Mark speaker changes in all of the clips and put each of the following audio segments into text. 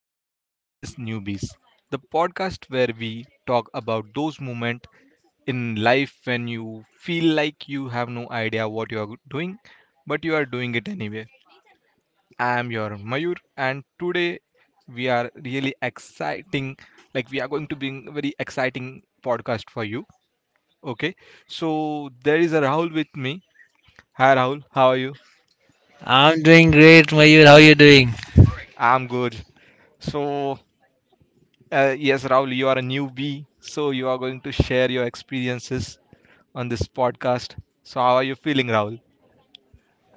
Speaker 1: to Clueless Newbies, the podcast where we talk about those moments in life when you feel like you have no idea what you are doing, but you are doing it anyway. I am your Mayur, and today we are really exciting. Like we are going to bring a very exciting podcast for you. Okay, so there is a Rahul with me. Hi Rahul, how are you?
Speaker 2: I'm doing great, Mayur. How are you doing?
Speaker 1: I'm good. So, yes, Rahul, you are a newbie, so you are going to share your experiences on this podcast. So, how are you feeling, Rahul?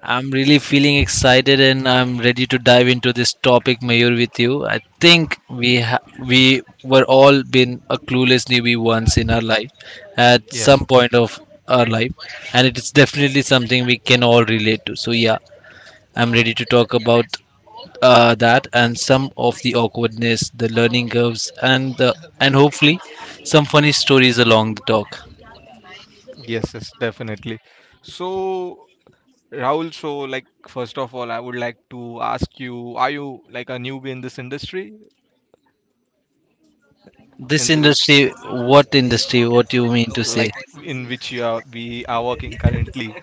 Speaker 2: I'm really feeling excited and I'm ready to dive into this topic, Mayur, with you. I think we ha- We were all been a clueless newbie once in our life, at some
Speaker 1: Yes,
Speaker 2: point of our life, and it is definitely something we can all relate to. So yeah, I'm ready to talk about that and some of the awkwardness, the learning curves, and hopefully some funny stories along the talk.
Speaker 1: yes, yes, definitely. So, Rahul, so like, first of all, I would like to ask you, are you like a newbie in this industry,
Speaker 2: This
Speaker 1: in this
Speaker 2: industry? What you mean to say?
Speaker 1: like in which you are we are working currently?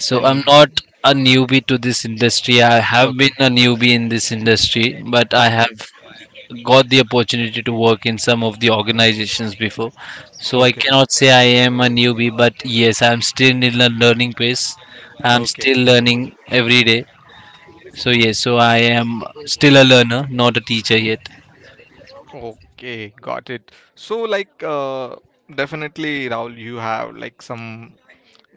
Speaker 2: So I'm
Speaker 1: In
Speaker 2: not a newbie to this industry. I have been
Speaker 1: Okay,
Speaker 2: a newbie in this industry, but I have
Speaker 1: okay,
Speaker 2: got the opportunity to work in some of the organizations before. So I
Speaker 1: okay,
Speaker 2: cannot say I am a newbie, but yes, I'm still in a learning pace. I'm
Speaker 1: okay.
Speaker 2: still learning every day. So yes, so I am still a learner, not a teacher yet.
Speaker 1: Okay, got it. So, like, definitely, Rahul, you have like some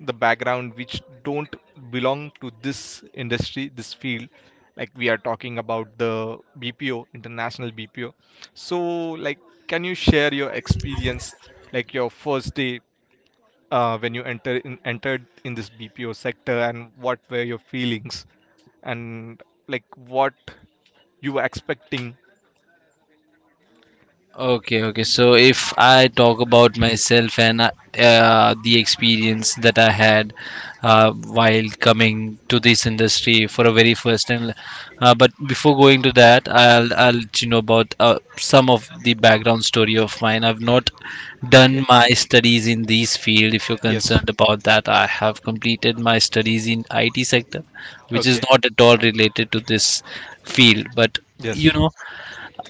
Speaker 1: the background which don't belong to this industry, this field. Like, we are talking about the BPO, international BPO. So, like, can you share your experience, like your first day when you entered in this BPO sector, and what were your feelings, and like what you were expecting?
Speaker 2: Okay, okay. So if I talk about myself and the experience that I had while coming to this industry for a very first time, but before going to that, I'll let you know about some of the background story of mine. I've not
Speaker 1: Okay.
Speaker 2: done my studies in this field. If you're
Speaker 1: Yes.
Speaker 2: concerned about that, I have completed my studies in IT sector, which is
Speaker 1: Okay.
Speaker 2: not at all related to this field, but
Speaker 1: Yes.
Speaker 2: you know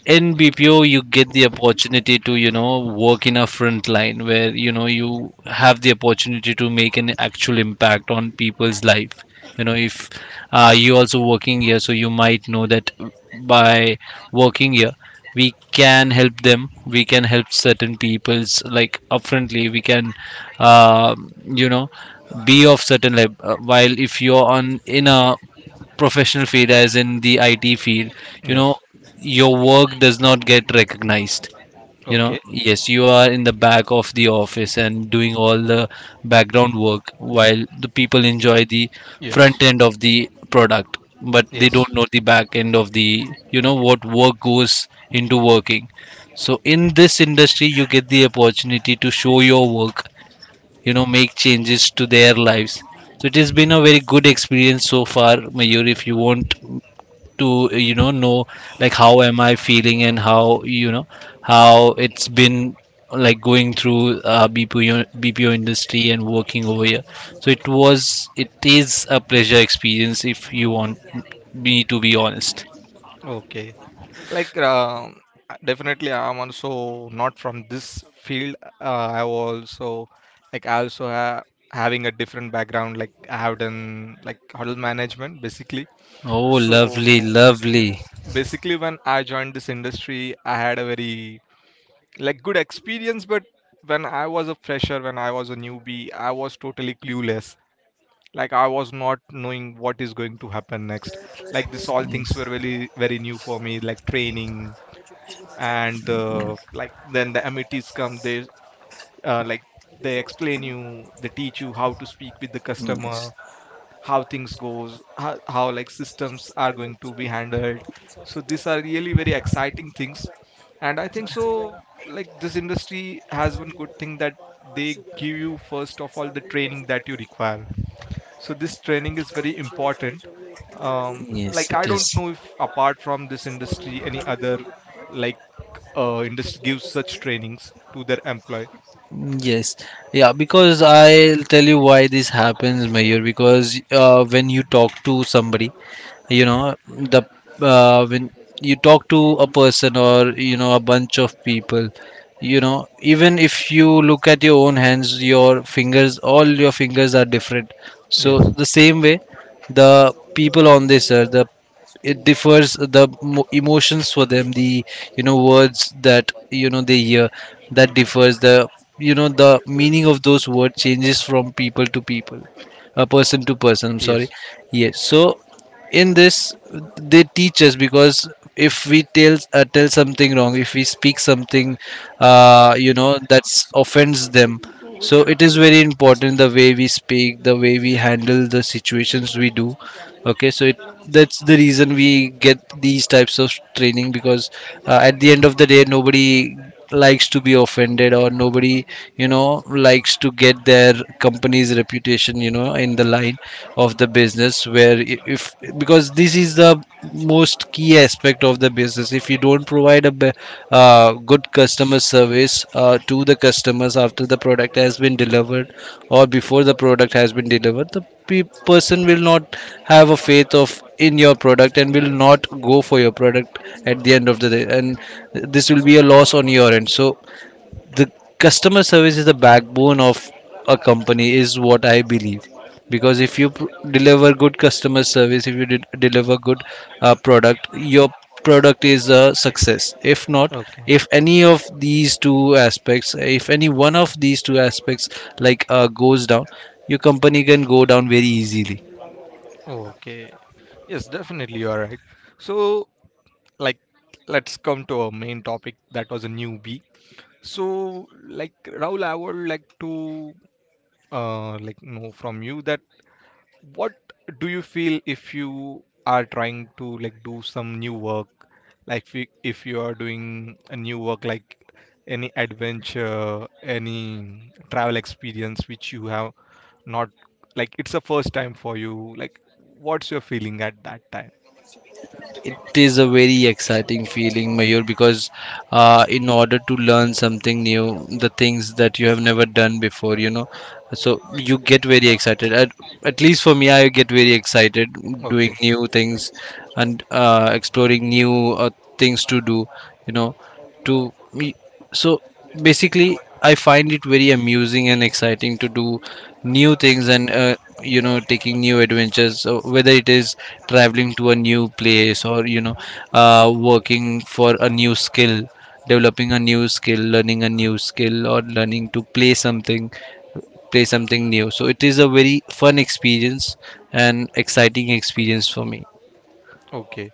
Speaker 2: in BPO you get the opportunity to, you know, work in a front line where, you know, you have the opportunity to make an actual impact on people's life. You know, if you also working here, so you might know that by working here we can help them, we can help certain people's, like, upfrontly we can, uh, you know, be of certain level, while if you're on in a professional field as in the IT field, you know,
Speaker 1: Yes.
Speaker 2: your work does not get recognized. You know,
Speaker 1: Okay.
Speaker 2: yes, you are in the back of the office and doing all the background work while the people enjoy the front
Speaker 1: Yes.
Speaker 2: end of the product, but they
Speaker 1: Yes.
Speaker 2: don't know the back end of the, you know, what work goes into working. So, in this industry, you get the opportunity to show your work, you know, make changes to their lives. So, it has been a very good experience so far, Mayur. If you want to you know like how am I feeling and how you know how it's been like going through BPO industry and working over here. So it is a pleasure experience if you want me to be honest.
Speaker 1: Okay. Like definitely, I'm also not from this field. I also like I also ha having a different background. Like I have done like hotel management basically.
Speaker 2: Oh, lovely,
Speaker 1: So m-
Speaker 2: lovely.
Speaker 1: basically, when I joined this industry, I had a very like good experience, but when I was a fresher, when I was a newbie, I was totally clueless. Like, I was not knowing what is going to happen next. Like, this all things were really very new for me, like training. And the like then the amiti's come, uh, like they explain you, they teach you how to speak with the customer,
Speaker 2: Yes,
Speaker 1: how things goes, how like systems are going to be handled. So these are really very exciting things, and I think so, like, this industry has one good thing, that they give you first of all the training that you require. So this training is very important. um,
Speaker 2: yes,
Speaker 1: like
Speaker 2: it
Speaker 1: I
Speaker 2: is.
Speaker 1: don't know if apart from this industry any other, like, industry gives such trainings to their employee.
Speaker 2: Yes, yeah, because I'll tell you why this happens, Mayur. Because when you talk to somebody, you know the when you talk to a person or, you know, a bunch of people, you know, even if you look at your own hands, your fingers, all your fingers are different. So the
Speaker 1: Yes,
Speaker 2: same way, the people on this earth, the it differs the emotions for them, the, you know, words that, you know, they hear, that differs the, you know, the meaning of those words changes from people to people, person to person, I'm sorry.
Speaker 1: yes.
Speaker 2: Yes, so in this they teach us because if we tell something wrong, if we speak something, you know, that's offends them. So it is very important the way we speak, the way we handle the situations we do. Okay, so it that's the reason we get these types of training. Because at the end of the day, nobody likes to be offended, or nobody, you know, likes to get their company's reputation, you know, in the line of the business, if, because this is the most key aspect of the business. If you don't good customer service to the customers, after the product has been delivered or before the product has been delivered, the person will not have a faith of in your product and will not go for your product at the end of the day, and this will be a loss on your end. So the customer service is the backbone of a company, is what I believe. Because if you deliver good customer service, if you did deliver good product, your product is a success. If not,
Speaker 1: Okay.
Speaker 2: if any of these two aspects, if any one of these two aspects, like, goes down, your company can go down very easily.
Speaker 1: Okay. Yes, definitely, you are right. So, like, let's come to our main topic, that was a newbie. So, like, Rahul, I would like to like know from you that what do you feel if you are trying to like do some new work. Like if you are doing a new work, like any adventure, any travel experience which you have not, like it's the first time for you, like what's your feeling at that time?
Speaker 2: It is a very exciting feeling, Mayur, because in order to learn something new, the things that you have never done before, you know, so you get very excited. At least for me, I get very excited doing
Speaker 1: Okay.
Speaker 2: new things and, exploring new, things to do, you know, to me. So basically, I find it very amusing and exciting to do new things and, you know, taking new adventures. So whether it is traveling to a new place, or, you know, working for a new skill, developing a new skill, learning a new skill, or learning to play something new. So it is a very fun experience and exciting experience for me.
Speaker 1: Okay.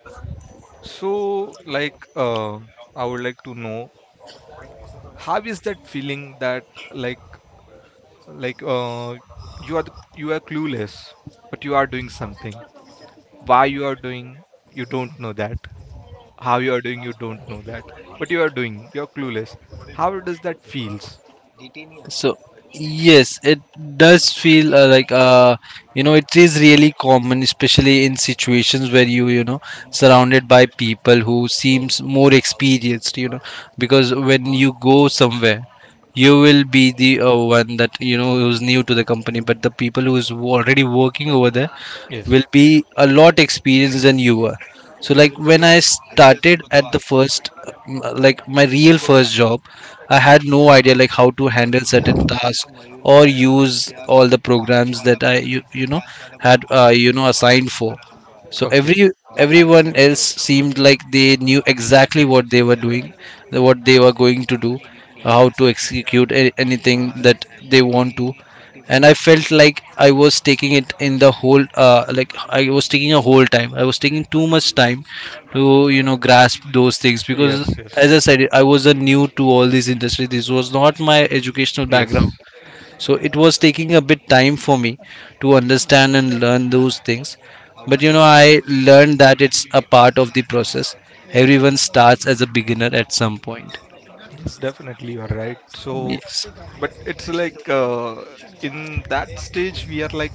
Speaker 1: So, like, I would like to know how is that feeling. That like like, you are clueless but you are doing something. Why you are doing, you don't know that. How you are doing, you don't know that. But you are doing, you're clueless. How does that feels?
Speaker 2: So yes, it does feel you know, it is really common, especially in situations where you know surrounded by people who seems more experienced. You know, because when you go somewhere, you will be the, one that, you know, who's new to the company, but the people who is already working over there
Speaker 1: Yes.
Speaker 2: will be a lot experienced than you are. So like when I started at the first, like my real first job, I had no idea like how to handle certain tasks or use all the programs that you know had, you know, assigned for. So
Speaker 1: Okay.
Speaker 2: everyone else seemed like they knew exactly what they were doing, what they were going to do, how to execute anything that they want to. And I felt like I was taking it in the whole like I was taking a whole time, I was taking too much time to, you know, grasp those things. Because
Speaker 1: Yes,
Speaker 2: as I
Speaker 1: yes,
Speaker 2: said, I was a new to all these industries, this was not my educational
Speaker 1: yes,
Speaker 2: background. So it was taking a bit time for me to understand and learn those things. But you know, I learned that it's a part of the process. Everyone starts as a beginner at some point.
Speaker 1: yes, definitely, you are right. So,
Speaker 2: Yes.
Speaker 1: but it's like, in that stage we are like,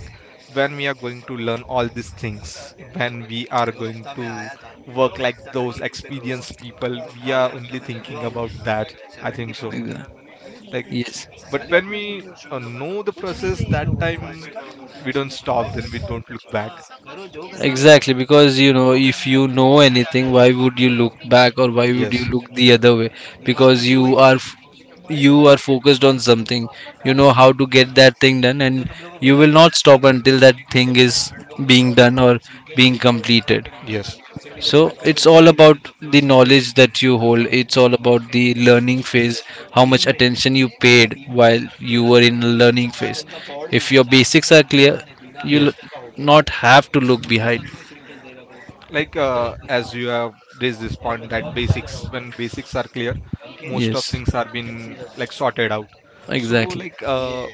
Speaker 1: when we are going to learn all these things, when we are going to work like those experienced people, we are only thinking about that, I think so, like.
Speaker 2: Yes,
Speaker 1: But when we know the process, that time we don't stop, then we don't look back.
Speaker 2: है exactly. Because you know, if you know anything, why would you look back or why would you
Speaker 1: Yes,
Speaker 2: look the other way? Because you are you are focused on something. You know how to get that thing done, and you will not stop until that thing is being done or being completed.
Speaker 1: yes,
Speaker 2: So it's all about the knowledge that you hold. It's all about the learning phase, how much attention you paid while you were in the learning phase. If your basics are clear, you'll
Speaker 1: yes.
Speaker 2: not have to look behind.
Speaker 1: Like, as you have raised this point that basics, when basics are clear, most of
Speaker 2: Yes,
Speaker 1: things are been like sorted out. So,
Speaker 2: exactly.
Speaker 1: like,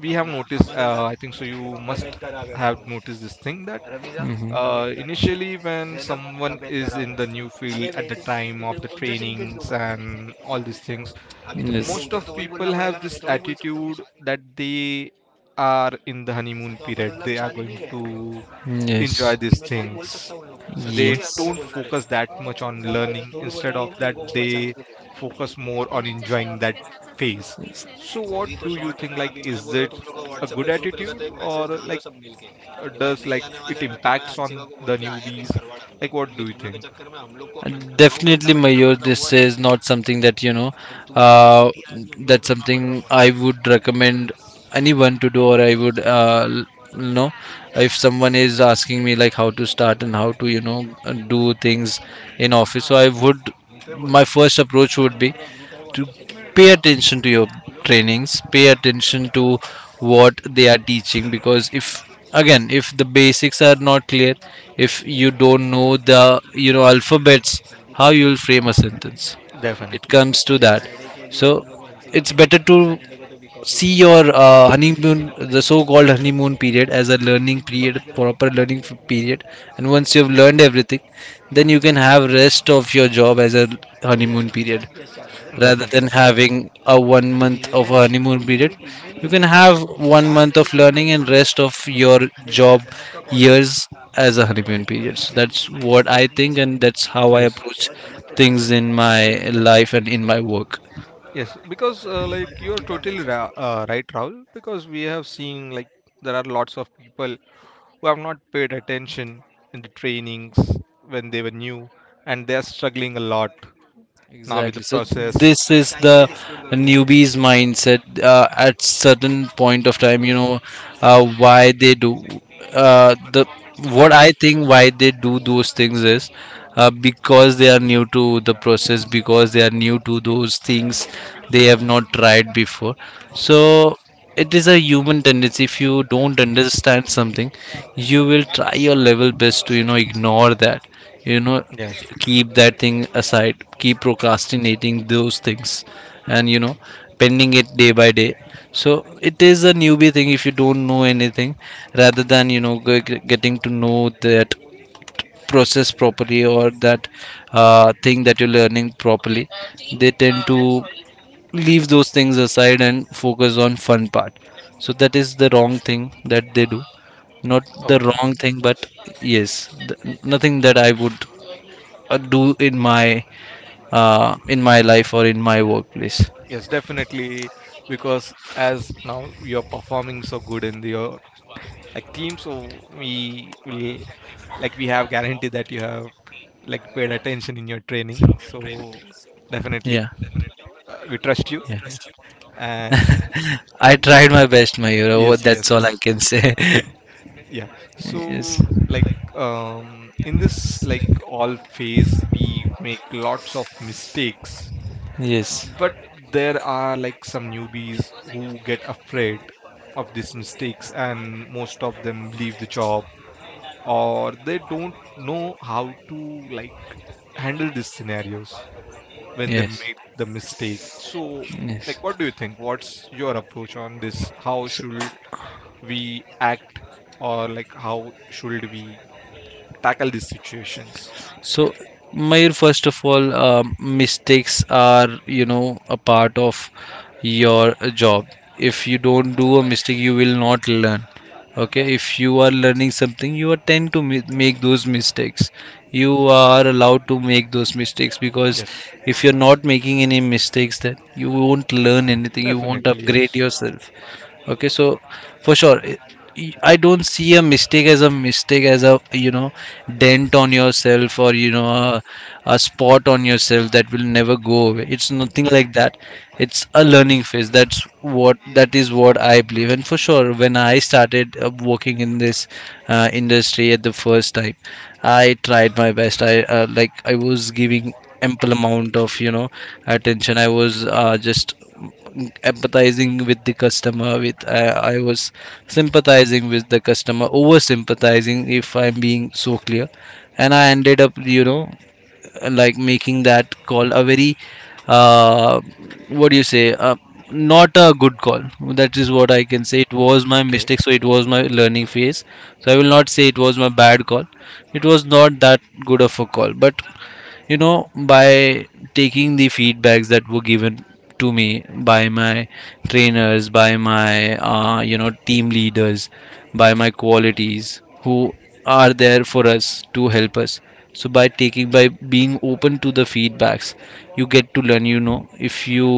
Speaker 1: we have noticed, I think so you must have noticed this thing, that
Speaker 2: Mhm.
Speaker 1: initially when someone is in the new field at the time of the trainings and all these things, most of people have this
Speaker 2: Yes.
Speaker 1: attitude that they are in the honeymoon period, they are going to
Speaker 2: yes
Speaker 1: enjoy these things, they don't focus that much on learning, instead of that they focus more on enjoying that phase.
Speaker 2: але
Speaker 1: So what
Speaker 2: मêtes
Speaker 1: do you
Speaker 2: जाल
Speaker 1: think, like, is
Speaker 2: सय
Speaker 1: it a
Speaker 2: Rat�
Speaker 1: good
Speaker 2: αυτό
Speaker 1: attitude, or like does like it impacts on the newbies? Like what do you think?
Speaker 2: definitely make you. This is not something that, you know, that's something I would recommend anyone to do, or I would, know, if someone is asking me like how to start and how to, you know, do things in office. So I would, my first approach would be to pay attention to your trainings, pay attention to what they are teaching. Because if, again, if the basics are not clear, if you don't know the, you know, alphabets, how you will frame a sentence? It
Speaker 1: Definitely,
Speaker 2: comes to that. So it's better to see your, honeymoon, the so-called honeymoon period as a learning period, proper period. And once you have learned everything, then you can have rest of your job as a honeymoon period. Rather than
Speaker 1: definitely,
Speaker 2: having a 1 month of a honeymoon period, you can have 1 month of learning and rest of your job years as a honeymoon period. So that's what I think, and that's how I
Speaker 1: yes.
Speaker 2: approach things in my life and in my work.
Speaker 1: Yes, because like you are totally right, Rahul. Because we have seen like there are lots of people who have not paid attention in the trainings when they were new, and they are struggling a lot now with the
Speaker 2: Exactly. So
Speaker 1: process.
Speaker 2: this is the newbies mindset at certain point of time. You know, why they do the what I think why they do those things is, because they are new to the process, because they are new to those things they have not tried before. So it is a human tendency. If you don't understand something, you will try your level best to ignore that you know
Speaker 1: Yes.
Speaker 2: Keep that thing aside, keep procrastinating those things and you know pending it day by day. So it is a newbie thing. If you don't know anything rather than getting to know that process properly or that thing that you're learning properly, they tend to leave those things aside and focus on fun part. So that is the wrong thing that they do. Not the wrong
Speaker 1: Okay.
Speaker 2: thing, but yes, nothing that I would do in my life or in my workplace.
Speaker 1: Yes, definitely. Because as now you are performing so good in your like team, so we will like we have guarantee that you have like paid attention in your training. So
Speaker 2: Yeah,
Speaker 1: definitely, we
Speaker 2: yeah.
Speaker 1: trust you, and
Speaker 2: I tried my best, Mayura. What-
Speaker 1: yes,
Speaker 2: That's all
Speaker 1: yes,
Speaker 2: I can
Speaker 1: yes,
Speaker 2: say.
Speaker 1: yeah.
Speaker 2: Yes,
Speaker 1: So, like, in this like all phase we make lots of mistakes,
Speaker 2: yes,
Speaker 1: but there are like some newbies who get afraid of these mistakes and most of them leave the job, or they don't know how to like handle these scenarios when they
Speaker 2: yes,
Speaker 1: make the mistake. So, like,
Speaker 2: yes.
Speaker 1: what do you think, what's your approach on this? How should we act, or like how should we tackle these situations?
Speaker 2: So, Mayur, first of all, mistakes are, you know, a part of your job. If you don't do a mistake, you will not learn. Okay, if you are learning something, you are tend to make those mistakes. You are allowed to make those mistakes because
Speaker 1: Yes,
Speaker 2: if you're not making any mistakes, then you won't learn anything. You won't
Speaker 1: definitely,
Speaker 2: upgrade
Speaker 1: yes.
Speaker 2: yourself. Okay, so for sure, I don't see a mistake as a mistake, as a you know dent on yourself, or you know a spot on yourself that will never go away. It's nothing like that. It's a learning phase. That's what, that is what I believe. And for sure, when I started working in this industry at the first time, I tried my best. I like I was giving ample amount of you know attention. I was just empathizing with the customer. With I was sympathizing with the customer, over sympathizing, if I'm being so clear. And I ended up you know like making that call a very uh what do you say, not a good call. That is what I can say. It was my
Speaker 1: Okay.
Speaker 2: mistake, so it was my learning phase. So I will not say it was my bad call. It was not that good of a call, but you know by taking the feedbacks that were given to me by my trainers, by my you know team leaders, by my qualities who are there for us to help us. So by taking, by being open to the feedbacks, you get to learn. You know, if you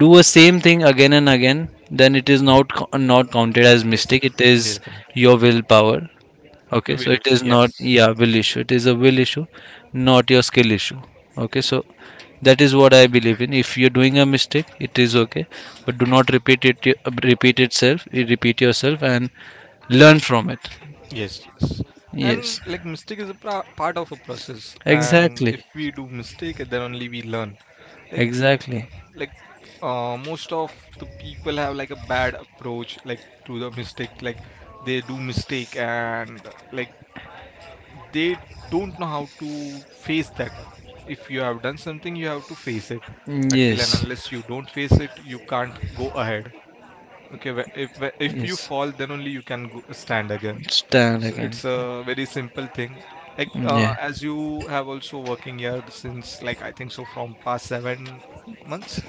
Speaker 2: do a same thing again and again, then it is not counted as
Speaker 1: Yes,
Speaker 2: mistake. It is
Speaker 1: definitely,
Speaker 2: your willpower. Okay,
Speaker 1: your
Speaker 2: so it
Speaker 1: belief.
Speaker 2: is not,
Speaker 1: Yes,
Speaker 2: yeah, will issue. It is a will issue, not your skill issue. Okay, so that is what I believe in. If you're doing a mistake, it is okay, but do not repeat it. Repeat itself, repeat yourself, and learn from it.
Speaker 1: yes, yes. And
Speaker 2: Yes,
Speaker 1: like mistake is a part of a process, and
Speaker 2: exactly,
Speaker 1: if we do mistake, then only we learn. Like, mm,
Speaker 2: exactly.
Speaker 1: like most of the people have like a bad approach like to the mistake, like they do mistake, and like they don't know how to face that. If you have done something, you have to face it. Until and
Speaker 2: Yes,
Speaker 1: unless you don't face it, you can't go ahead. Okay, if you
Speaker 2: yes,
Speaker 1: fall, then only you can stand again.
Speaker 2: stand
Speaker 1: So
Speaker 2: again.
Speaker 1: it's a very simple thing. Like,
Speaker 2: Yeah,
Speaker 1: as you have also working here since, like, I think so from past 7 months.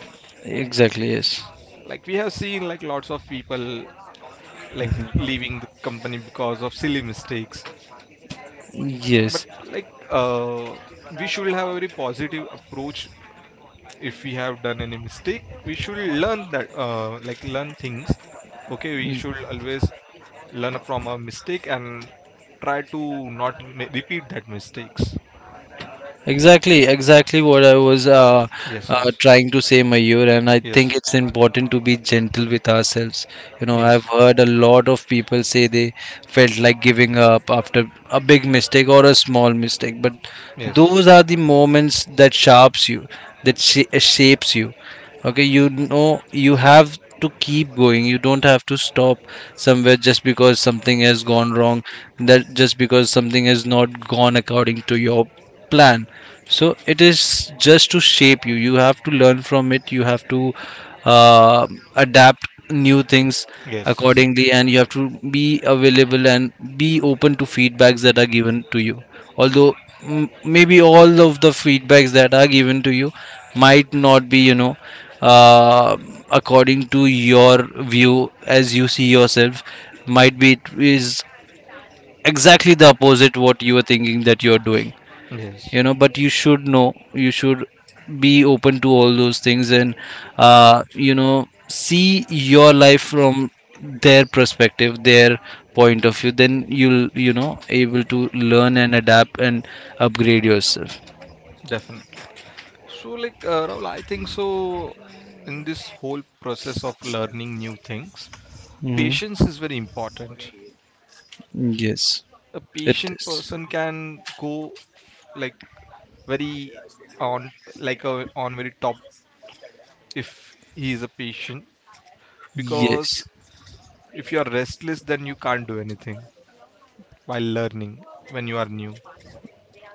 Speaker 2: exactly, yes.
Speaker 1: Like we have seen like lots of people like
Speaker 2: Mhm.
Speaker 1: leaving the company because of silly mistakes. But
Speaker 2: Yes.
Speaker 1: like, we should have a very positive approach. If we have done any mistake, we should learn that, like learn things. Okay, we should always learn from our mistake and try to not repeat that mistakes.
Speaker 2: Exactly, exactly what I was
Speaker 1: Yes, yes,
Speaker 2: trying to say, Mayur, and I
Speaker 1: yes,
Speaker 2: think it's important to be gentle with ourselves. You know, I've
Speaker 1: yes,
Speaker 2: heard a lot of people say they felt like giving up after a big mistake or a small mistake, but
Speaker 1: yes,
Speaker 2: those are the moments that sharps you, that shapes you. Okay, you know, you have to keep going. You don't have to stop somewhere just because something has gone wrong, that just because something has not gone according to your plan. So it is just to shape you. You have to learn from it. You have to uh, adapt new things
Speaker 1: yes,
Speaker 2: accordingly, and you have to be available and be open to feedbacks that are given to you. Although maybe all of the feedbacks that are given to you might not be you know uh, according to your view as you see yourself. Might be it is exactly the opposite what you are thinking that you are doing, you
Speaker 1: yes,
Speaker 2: know, but you should know, you should be open to all those things and you know see your life from their perspective, their point of view. Then you'll you know able to learn and adapt and upgrade yourself.
Speaker 1: definitely. So, like, Rahul, I think so in this whole process of learning new things,
Speaker 2: Hmm.
Speaker 1: patience is very important.
Speaker 2: Yes,
Speaker 1: A
Speaker 2: it
Speaker 1: patient
Speaker 2: is,
Speaker 1: person can go like very on, like on very top, if he is a patient. Because
Speaker 2: yes.
Speaker 1: if you are restless, then you can't do anything while learning, when you are new.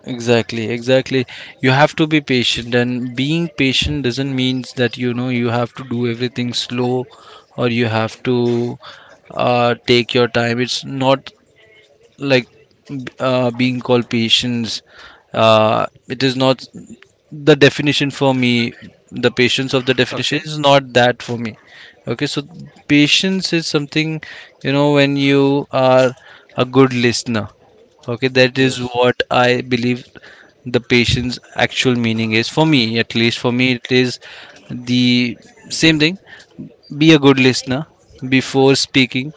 Speaker 2: Exactly, exactly. You have to be patient, and being patient doesn't mean that you know you have to do everything slow or you have to take your time. It's not like being called patience. It is not the definition for me. The patience of the definition
Speaker 1: Okay.
Speaker 2: is not that for me. Okay, so patience is something, you know, when you are a good listener. Okay, that is
Speaker 1: Yes,
Speaker 2: what I believe. The patience actual meaning is, for me, at least for me, it is the same thing. Be a good listener before speaking.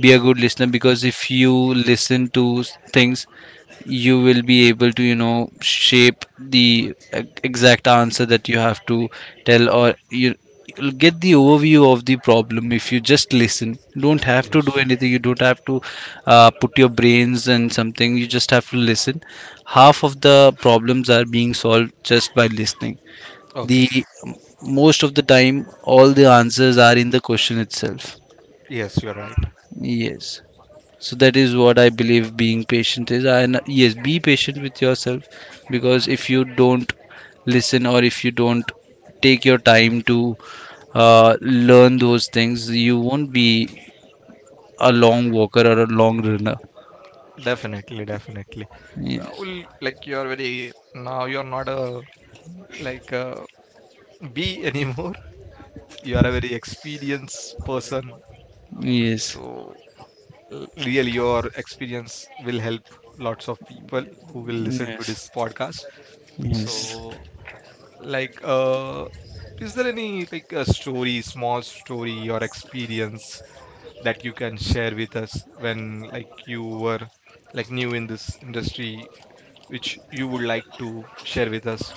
Speaker 2: Be a good listener, because if you listen to things, you will be able to you know shape the exact answer that you have to tell. Or you, you'll get the overview of the problem if you just listen. You don't have to do
Speaker 1: yes.
Speaker 2: anything. You don't have to put your brains and something. You just have to listen. Half of the problems are being solved just by listening. The
Speaker 1: Okay.
Speaker 2: most of the time, all the answers are in the question itself.
Speaker 1: Yes, you're right.
Speaker 2: Yes. So that is what I believe being patient is. And yes, be patient with yourself, because if you don't listen, or if you don't take your time to learn those things, you won't be a long walker or a long runner.
Speaker 1: Definitely, definitely.
Speaker 2: Yes.
Speaker 1: Well, like you are very, now you're not a, like a bee anymore. You are a very experienced person.
Speaker 2: Yes.
Speaker 1: So really your experience will help lots of people who will listen to this
Speaker 2: Yes.
Speaker 1: podcast. So,
Speaker 2: Yes.
Speaker 1: like, is there any like a story small story or experience that you can share with us, when like you were like new in this industry, which you would like to share with us?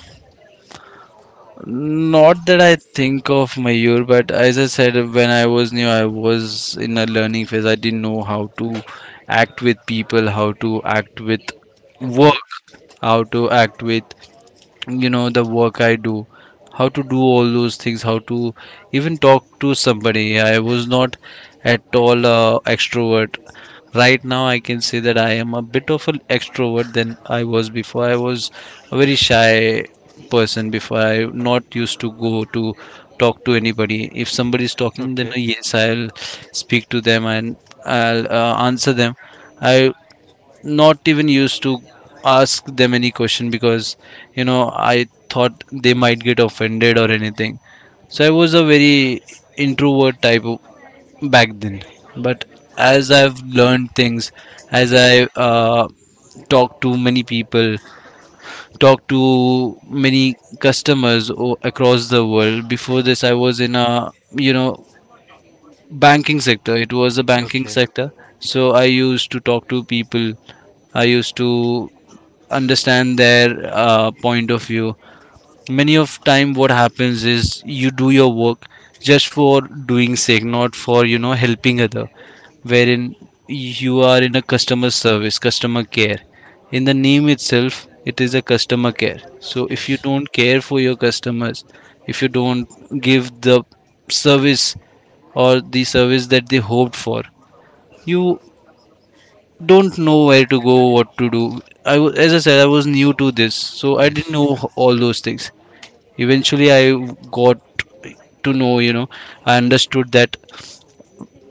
Speaker 2: Not that I think of, Mayur, but as I said, when I was new, I was in a learning phase. I didn't know how to act with people, how to act with
Speaker 1: Okay.
Speaker 2: work, how to act with you know the work I do, how to do all those things, how to even talk to somebody. I was not at all extrovert. Right now I can say that I am a bit of an extrovert than I was before. I was a very shy person before. I not used to go to talk to anybody. If somebody is talking, then
Speaker 1: Okay.
Speaker 2: yes, I'll speak to them, and I'll answer them I Not even used to ask them any question, because you know I thought they might get offended or anything. So I was a very introvert type back then. But as I've learned things, as I talk to many people, talk to many customers across the world. Before this, I was in a you know banking sector. It was a banking
Speaker 1: Okay.
Speaker 2: sector, so I used to talk to people. I used to understand their point of view. Many of time what happens is you do your work just for doing sake, not for you know helping other. Wherein you are in a customer service, customer care, in the name itself it is a customer care. So if you
Speaker 1: Yes,
Speaker 2: don't care for your customers, if you don't give the service, or the service that they hoped for, you don't know where to go, what to do. I was, as I said, I was new to this, so I didn't
Speaker 1: yes,
Speaker 2: know all those things. Eventually I got to know, you know, I understood that,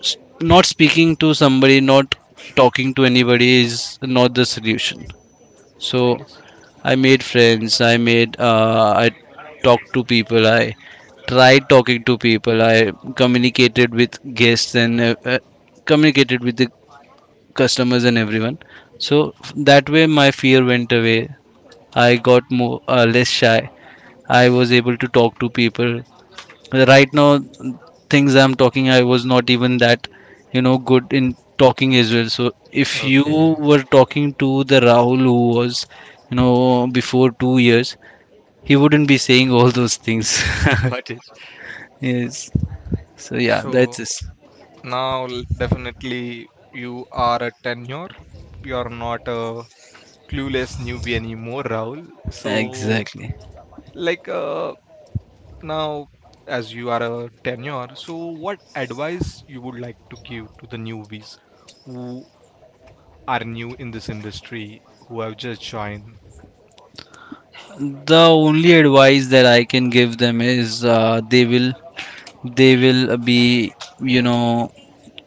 Speaker 2: s- not speaking to somebody, not talking to anybody is not the solution. So
Speaker 1: yes.
Speaker 2: I made friends. I made I talked to people. I tried talking to people. I communicated with guests, and communicated with the customers and everyone. So that way my fear went away. I got more less shy. I was able to talk to people. Right now, things I'm talking, I was not even that you know good in talking as well. So if you
Speaker 1: Okay,
Speaker 2: were talking to the Rahul who was you know before 2 years, he wouldn't be saying all those things.
Speaker 1: got it.
Speaker 2: Yes, so yeah,
Speaker 1: So
Speaker 2: that's it.
Speaker 1: now, definitely, you are a tenure. You are not a clueless newbie anymore, Rahul. So,
Speaker 2: Exactly.
Speaker 1: like, now, as you are a tenure, so what advice you would like to give to the newbies who are new in this industry, who have just joined?
Speaker 2: The only advice that I can give them is they will, they will be you know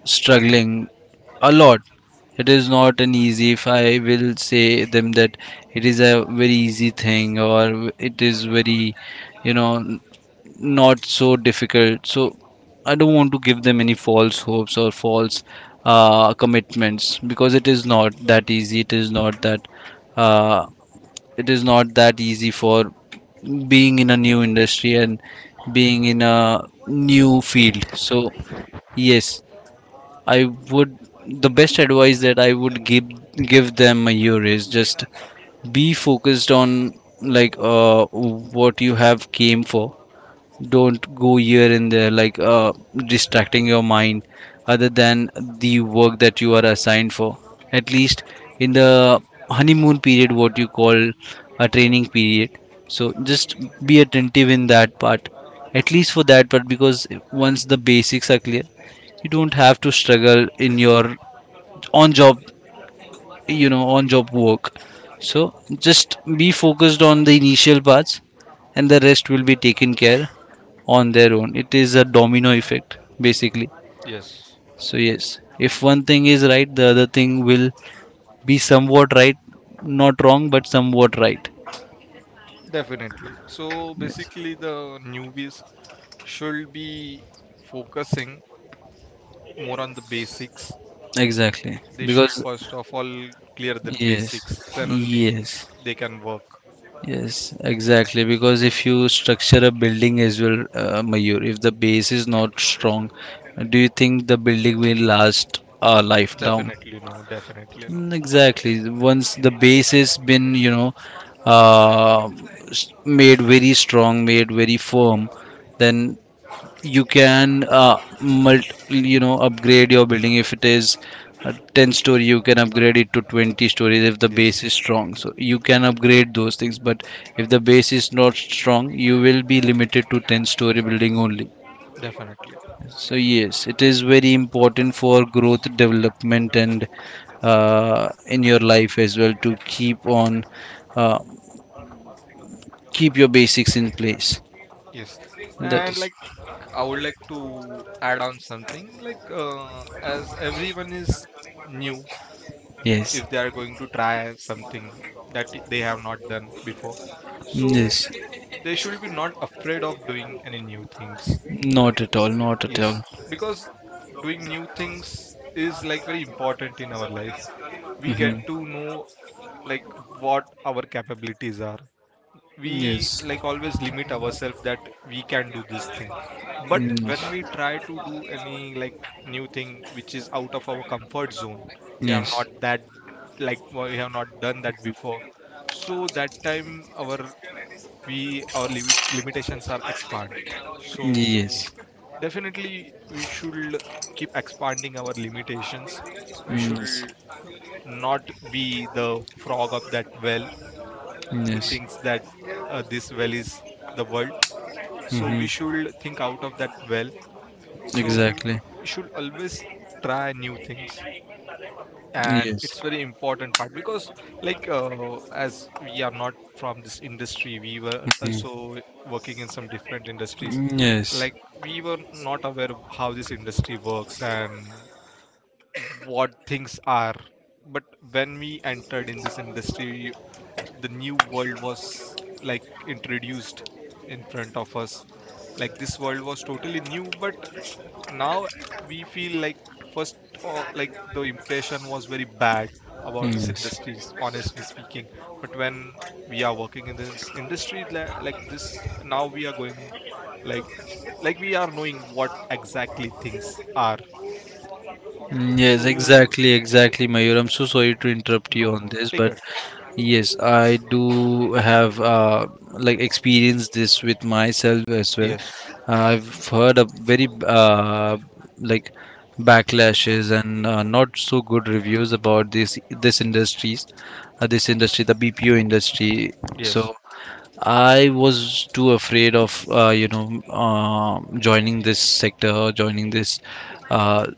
Speaker 2: struggling a lot. It is not an easy. If I will say them that it is a very easy thing, or it is very, you know, not so difficult. So I don't want to give them any false hopes or false commitments, because it is not that easy. It is not that. Uh, it is not that easy for being in a new industry and being in a new field. So yes, I would, the best advice that I would give, give them a year, is just be focused on like what you have came for. Don't go here and there, like distracting your mind other than the work that you are assigned for, at least in the honeymoon period, what you call a training period. So just be attentive in that part, at least for that part, because once the basics are clear, you don't have to struggle in your on job, you know, on job work. So just be focused on the initial parts, and the rest will be taken care on their own. It is a domino effect, basically.
Speaker 1: Yes,
Speaker 2: So yes, if one thing is right, the other thing will be somewhat right, not wrong but somewhat right.
Speaker 1: definitely. So,
Speaker 2: Yes,
Speaker 1: basically, the newbies should be focusing more on the basics.
Speaker 2: exactly,
Speaker 1: They should
Speaker 2: because
Speaker 1: first of all clear their basics,
Speaker 2: yes,
Speaker 1: then only
Speaker 2: yes.
Speaker 1: they can work.
Speaker 2: Yes, exactly. Because if you structure a building as well, Mayur, if the base is not strong, do you think the building will last a lifelong?
Speaker 1: Definitely no, definitely no.
Speaker 2: Mm, exactly. Once the base has been, you know, uh, made very strong, made very firm, then you can you know upgrade your building. If it is a 10 story, you can upgrade it to 20 stories if the base
Speaker 1: Yes,
Speaker 2: is strong. So you can upgrade those things, but if the base is not strong, you will be limited to 10 story building only.
Speaker 1: definitely,
Speaker 2: So yes, it is very important for growth, development, and in your life as well, to keep on uh, keep your basics in place.
Speaker 1: yes.
Speaker 2: That
Speaker 1: And
Speaker 2: is,
Speaker 1: like I would like to add on something, like as everyone is new,
Speaker 2: yes,
Speaker 1: if they are going to try something that they have not done before, so
Speaker 2: yes,
Speaker 1: they should be not afraid of doing any new things.
Speaker 2: not at all, not at all.
Speaker 1: Yes, because doing new things is like very important in our life. We get
Speaker 2: Hmm.
Speaker 1: to know like what our capabilities are. We
Speaker 2: Yes.
Speaker 1: like always limit ourselves that we can do this thing, but when we
Speaker 2: Mm.
Speaker 1: try to do any like new thing which is out of our comfort zone, we have
Speaker 2: Yes.
Speaker 1: not that we have not done that before. So that time our limitations are expand. So
Speaker 2: Yes.
Speaker 1: definitely we should keep expanding our limitations. We
Speaker 2: Yes.
Speaker 1: should not be the frog of that well who
Speaker 2: Yes.
Speaker 1: thinks that, this well is the world. So
Speaker 2: Hmm.
Speaker 1: we should think out of that well. So
Speaker 2: Exactly.
Speaker 1: we should always try new things, and it's
Speaker 2: Yes.
Speaker 1: very important part, because like as we are not from this industry, we were also working in some different industries.
Speaker 2: Hmm. Yes.
Speaker 1: Like we were not aware of how this industry works and what things are, but when we entered in this industry, the new world was like introduced in front of us. Like this world was totally new, but now we feel like, first, like, the impression was very bad about this
Speaker 2: Yes.
Speaker 1: industries, honestly speaking. But when we are working in this industry, like this, now we are going, like like we are knowing what exactly things are.
Speaker 2: Mm, yes,
Speaker 1: So
Speaker 2: exactly, exactly, Mayur. I'm so sorry to interrupt you
Speaker 1: no,
Speaker 2: on
Speaker 1: no,
Speaker 2: this,
Speaker 1: take
Speaker 2: but
Speaker 1: it.
Speaker 2: yes, I do have like experienced this with myself as well.
Speaker 1: Yes,
Speaker 2: I've heard a very like backlashes and not so good reviews about this this industries, this industry, the BPO industry. So
Speaker 1: yes,
Speaker 2: I was too afraid of you know joining this sector, joining this uh,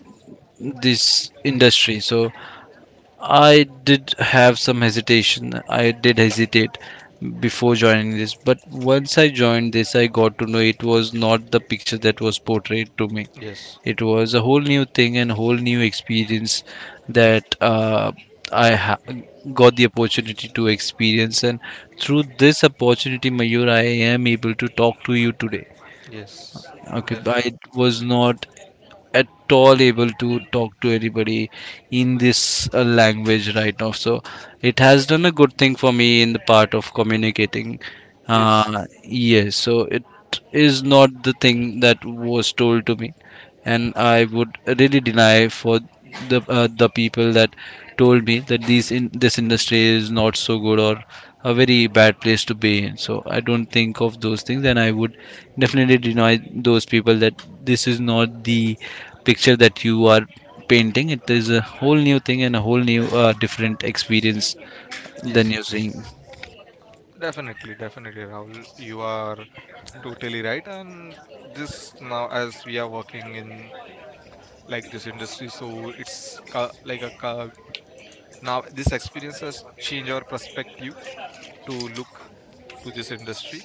Speaker 2: this industry. So I did have some hesitation. I did hesitate before joining this, but once I joined this, I got to know it was not the picture that was portrayed to me.
Speaker 1: yes,
Speaker 2: It was a whole new thing and whole new experience that i ha- got the opportunity to experience. And through this opportunity, Mayur, I am able to talk to you today.
Speaker 1: yes,
Speaker 2: Okay, but I
Speaker 1: definitely.
Speaker 2: was not at all able to talk to anybody in this language right now. So it has done a good thing for me in the part of communicating.
Speaker 1: Yes,
Speaker 2: Yes, so it is not the thing that was told to me, and I would really deny for the people that told me that these in this industry is not so good or a very bad place to be in. So I don't think of those things, and I would definitely deny those people that this is not the picture that you are painting. It is a whole new thing and a whole new different experience than
Speaker 1: yes,
Speaker 2: you're seeing.
Speaker 1: definitely, definitely, Rahul. You are totally right. And this now, as we are working in like this industry, so it's now this experience has changed our perspective to look to this industry,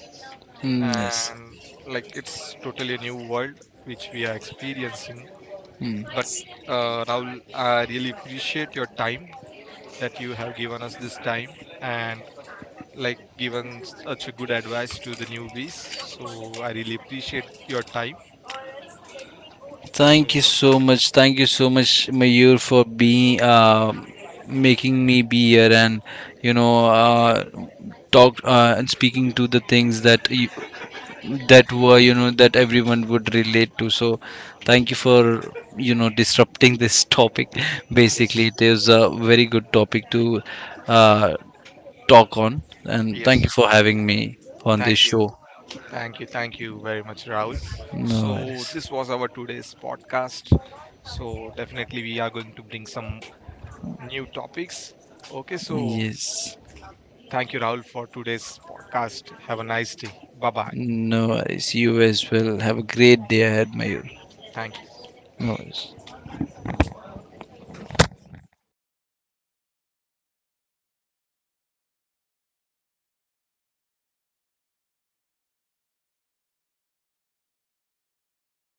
Speaker 2: Mm, yes.
Speaker 1: and like it's totally a new world which we are experiencing.
Speaker 2: Mm.
Speaker 1: But Rahul, I really appreciate your time that you have given us this time, and like given such a good advice to the newbies. So I really appreciate your time.
Speaker 2: Thank you
Speaker 1: So
Speaker 2: so much. Thank you so much, Mayur, for being making me be here and you know talk and speaking to the things that you, that were you know that everyone would relate to. So thank you for you know disrupting this topic.
Speaker 1: yes,
Speaker 2: Basically, it is a very good topic to uh, talk on. And thank
Speaker 1: yes.
Speaker 2: you for having me on this
Speaker 1: Thank
Speaker 2: show.
Speaker 1: you. Thank you. Thank you very much, Rahul.
Speaker 2: No
Speaker 1: So
Speaker 2: worries.
Speaker 1: this was our today's podcast. So definitely we are going to bring some new topics. Okay, so
Speaker 2: Yes,
Speaker 1: thank you, Rahul, for today's podcast. Have a nice day. Bye bye.
Speaker 2: no worries. You as well. Have a great day ahead, Mayur.
Speaker 1: Thank you.
Speaker 2: No worries.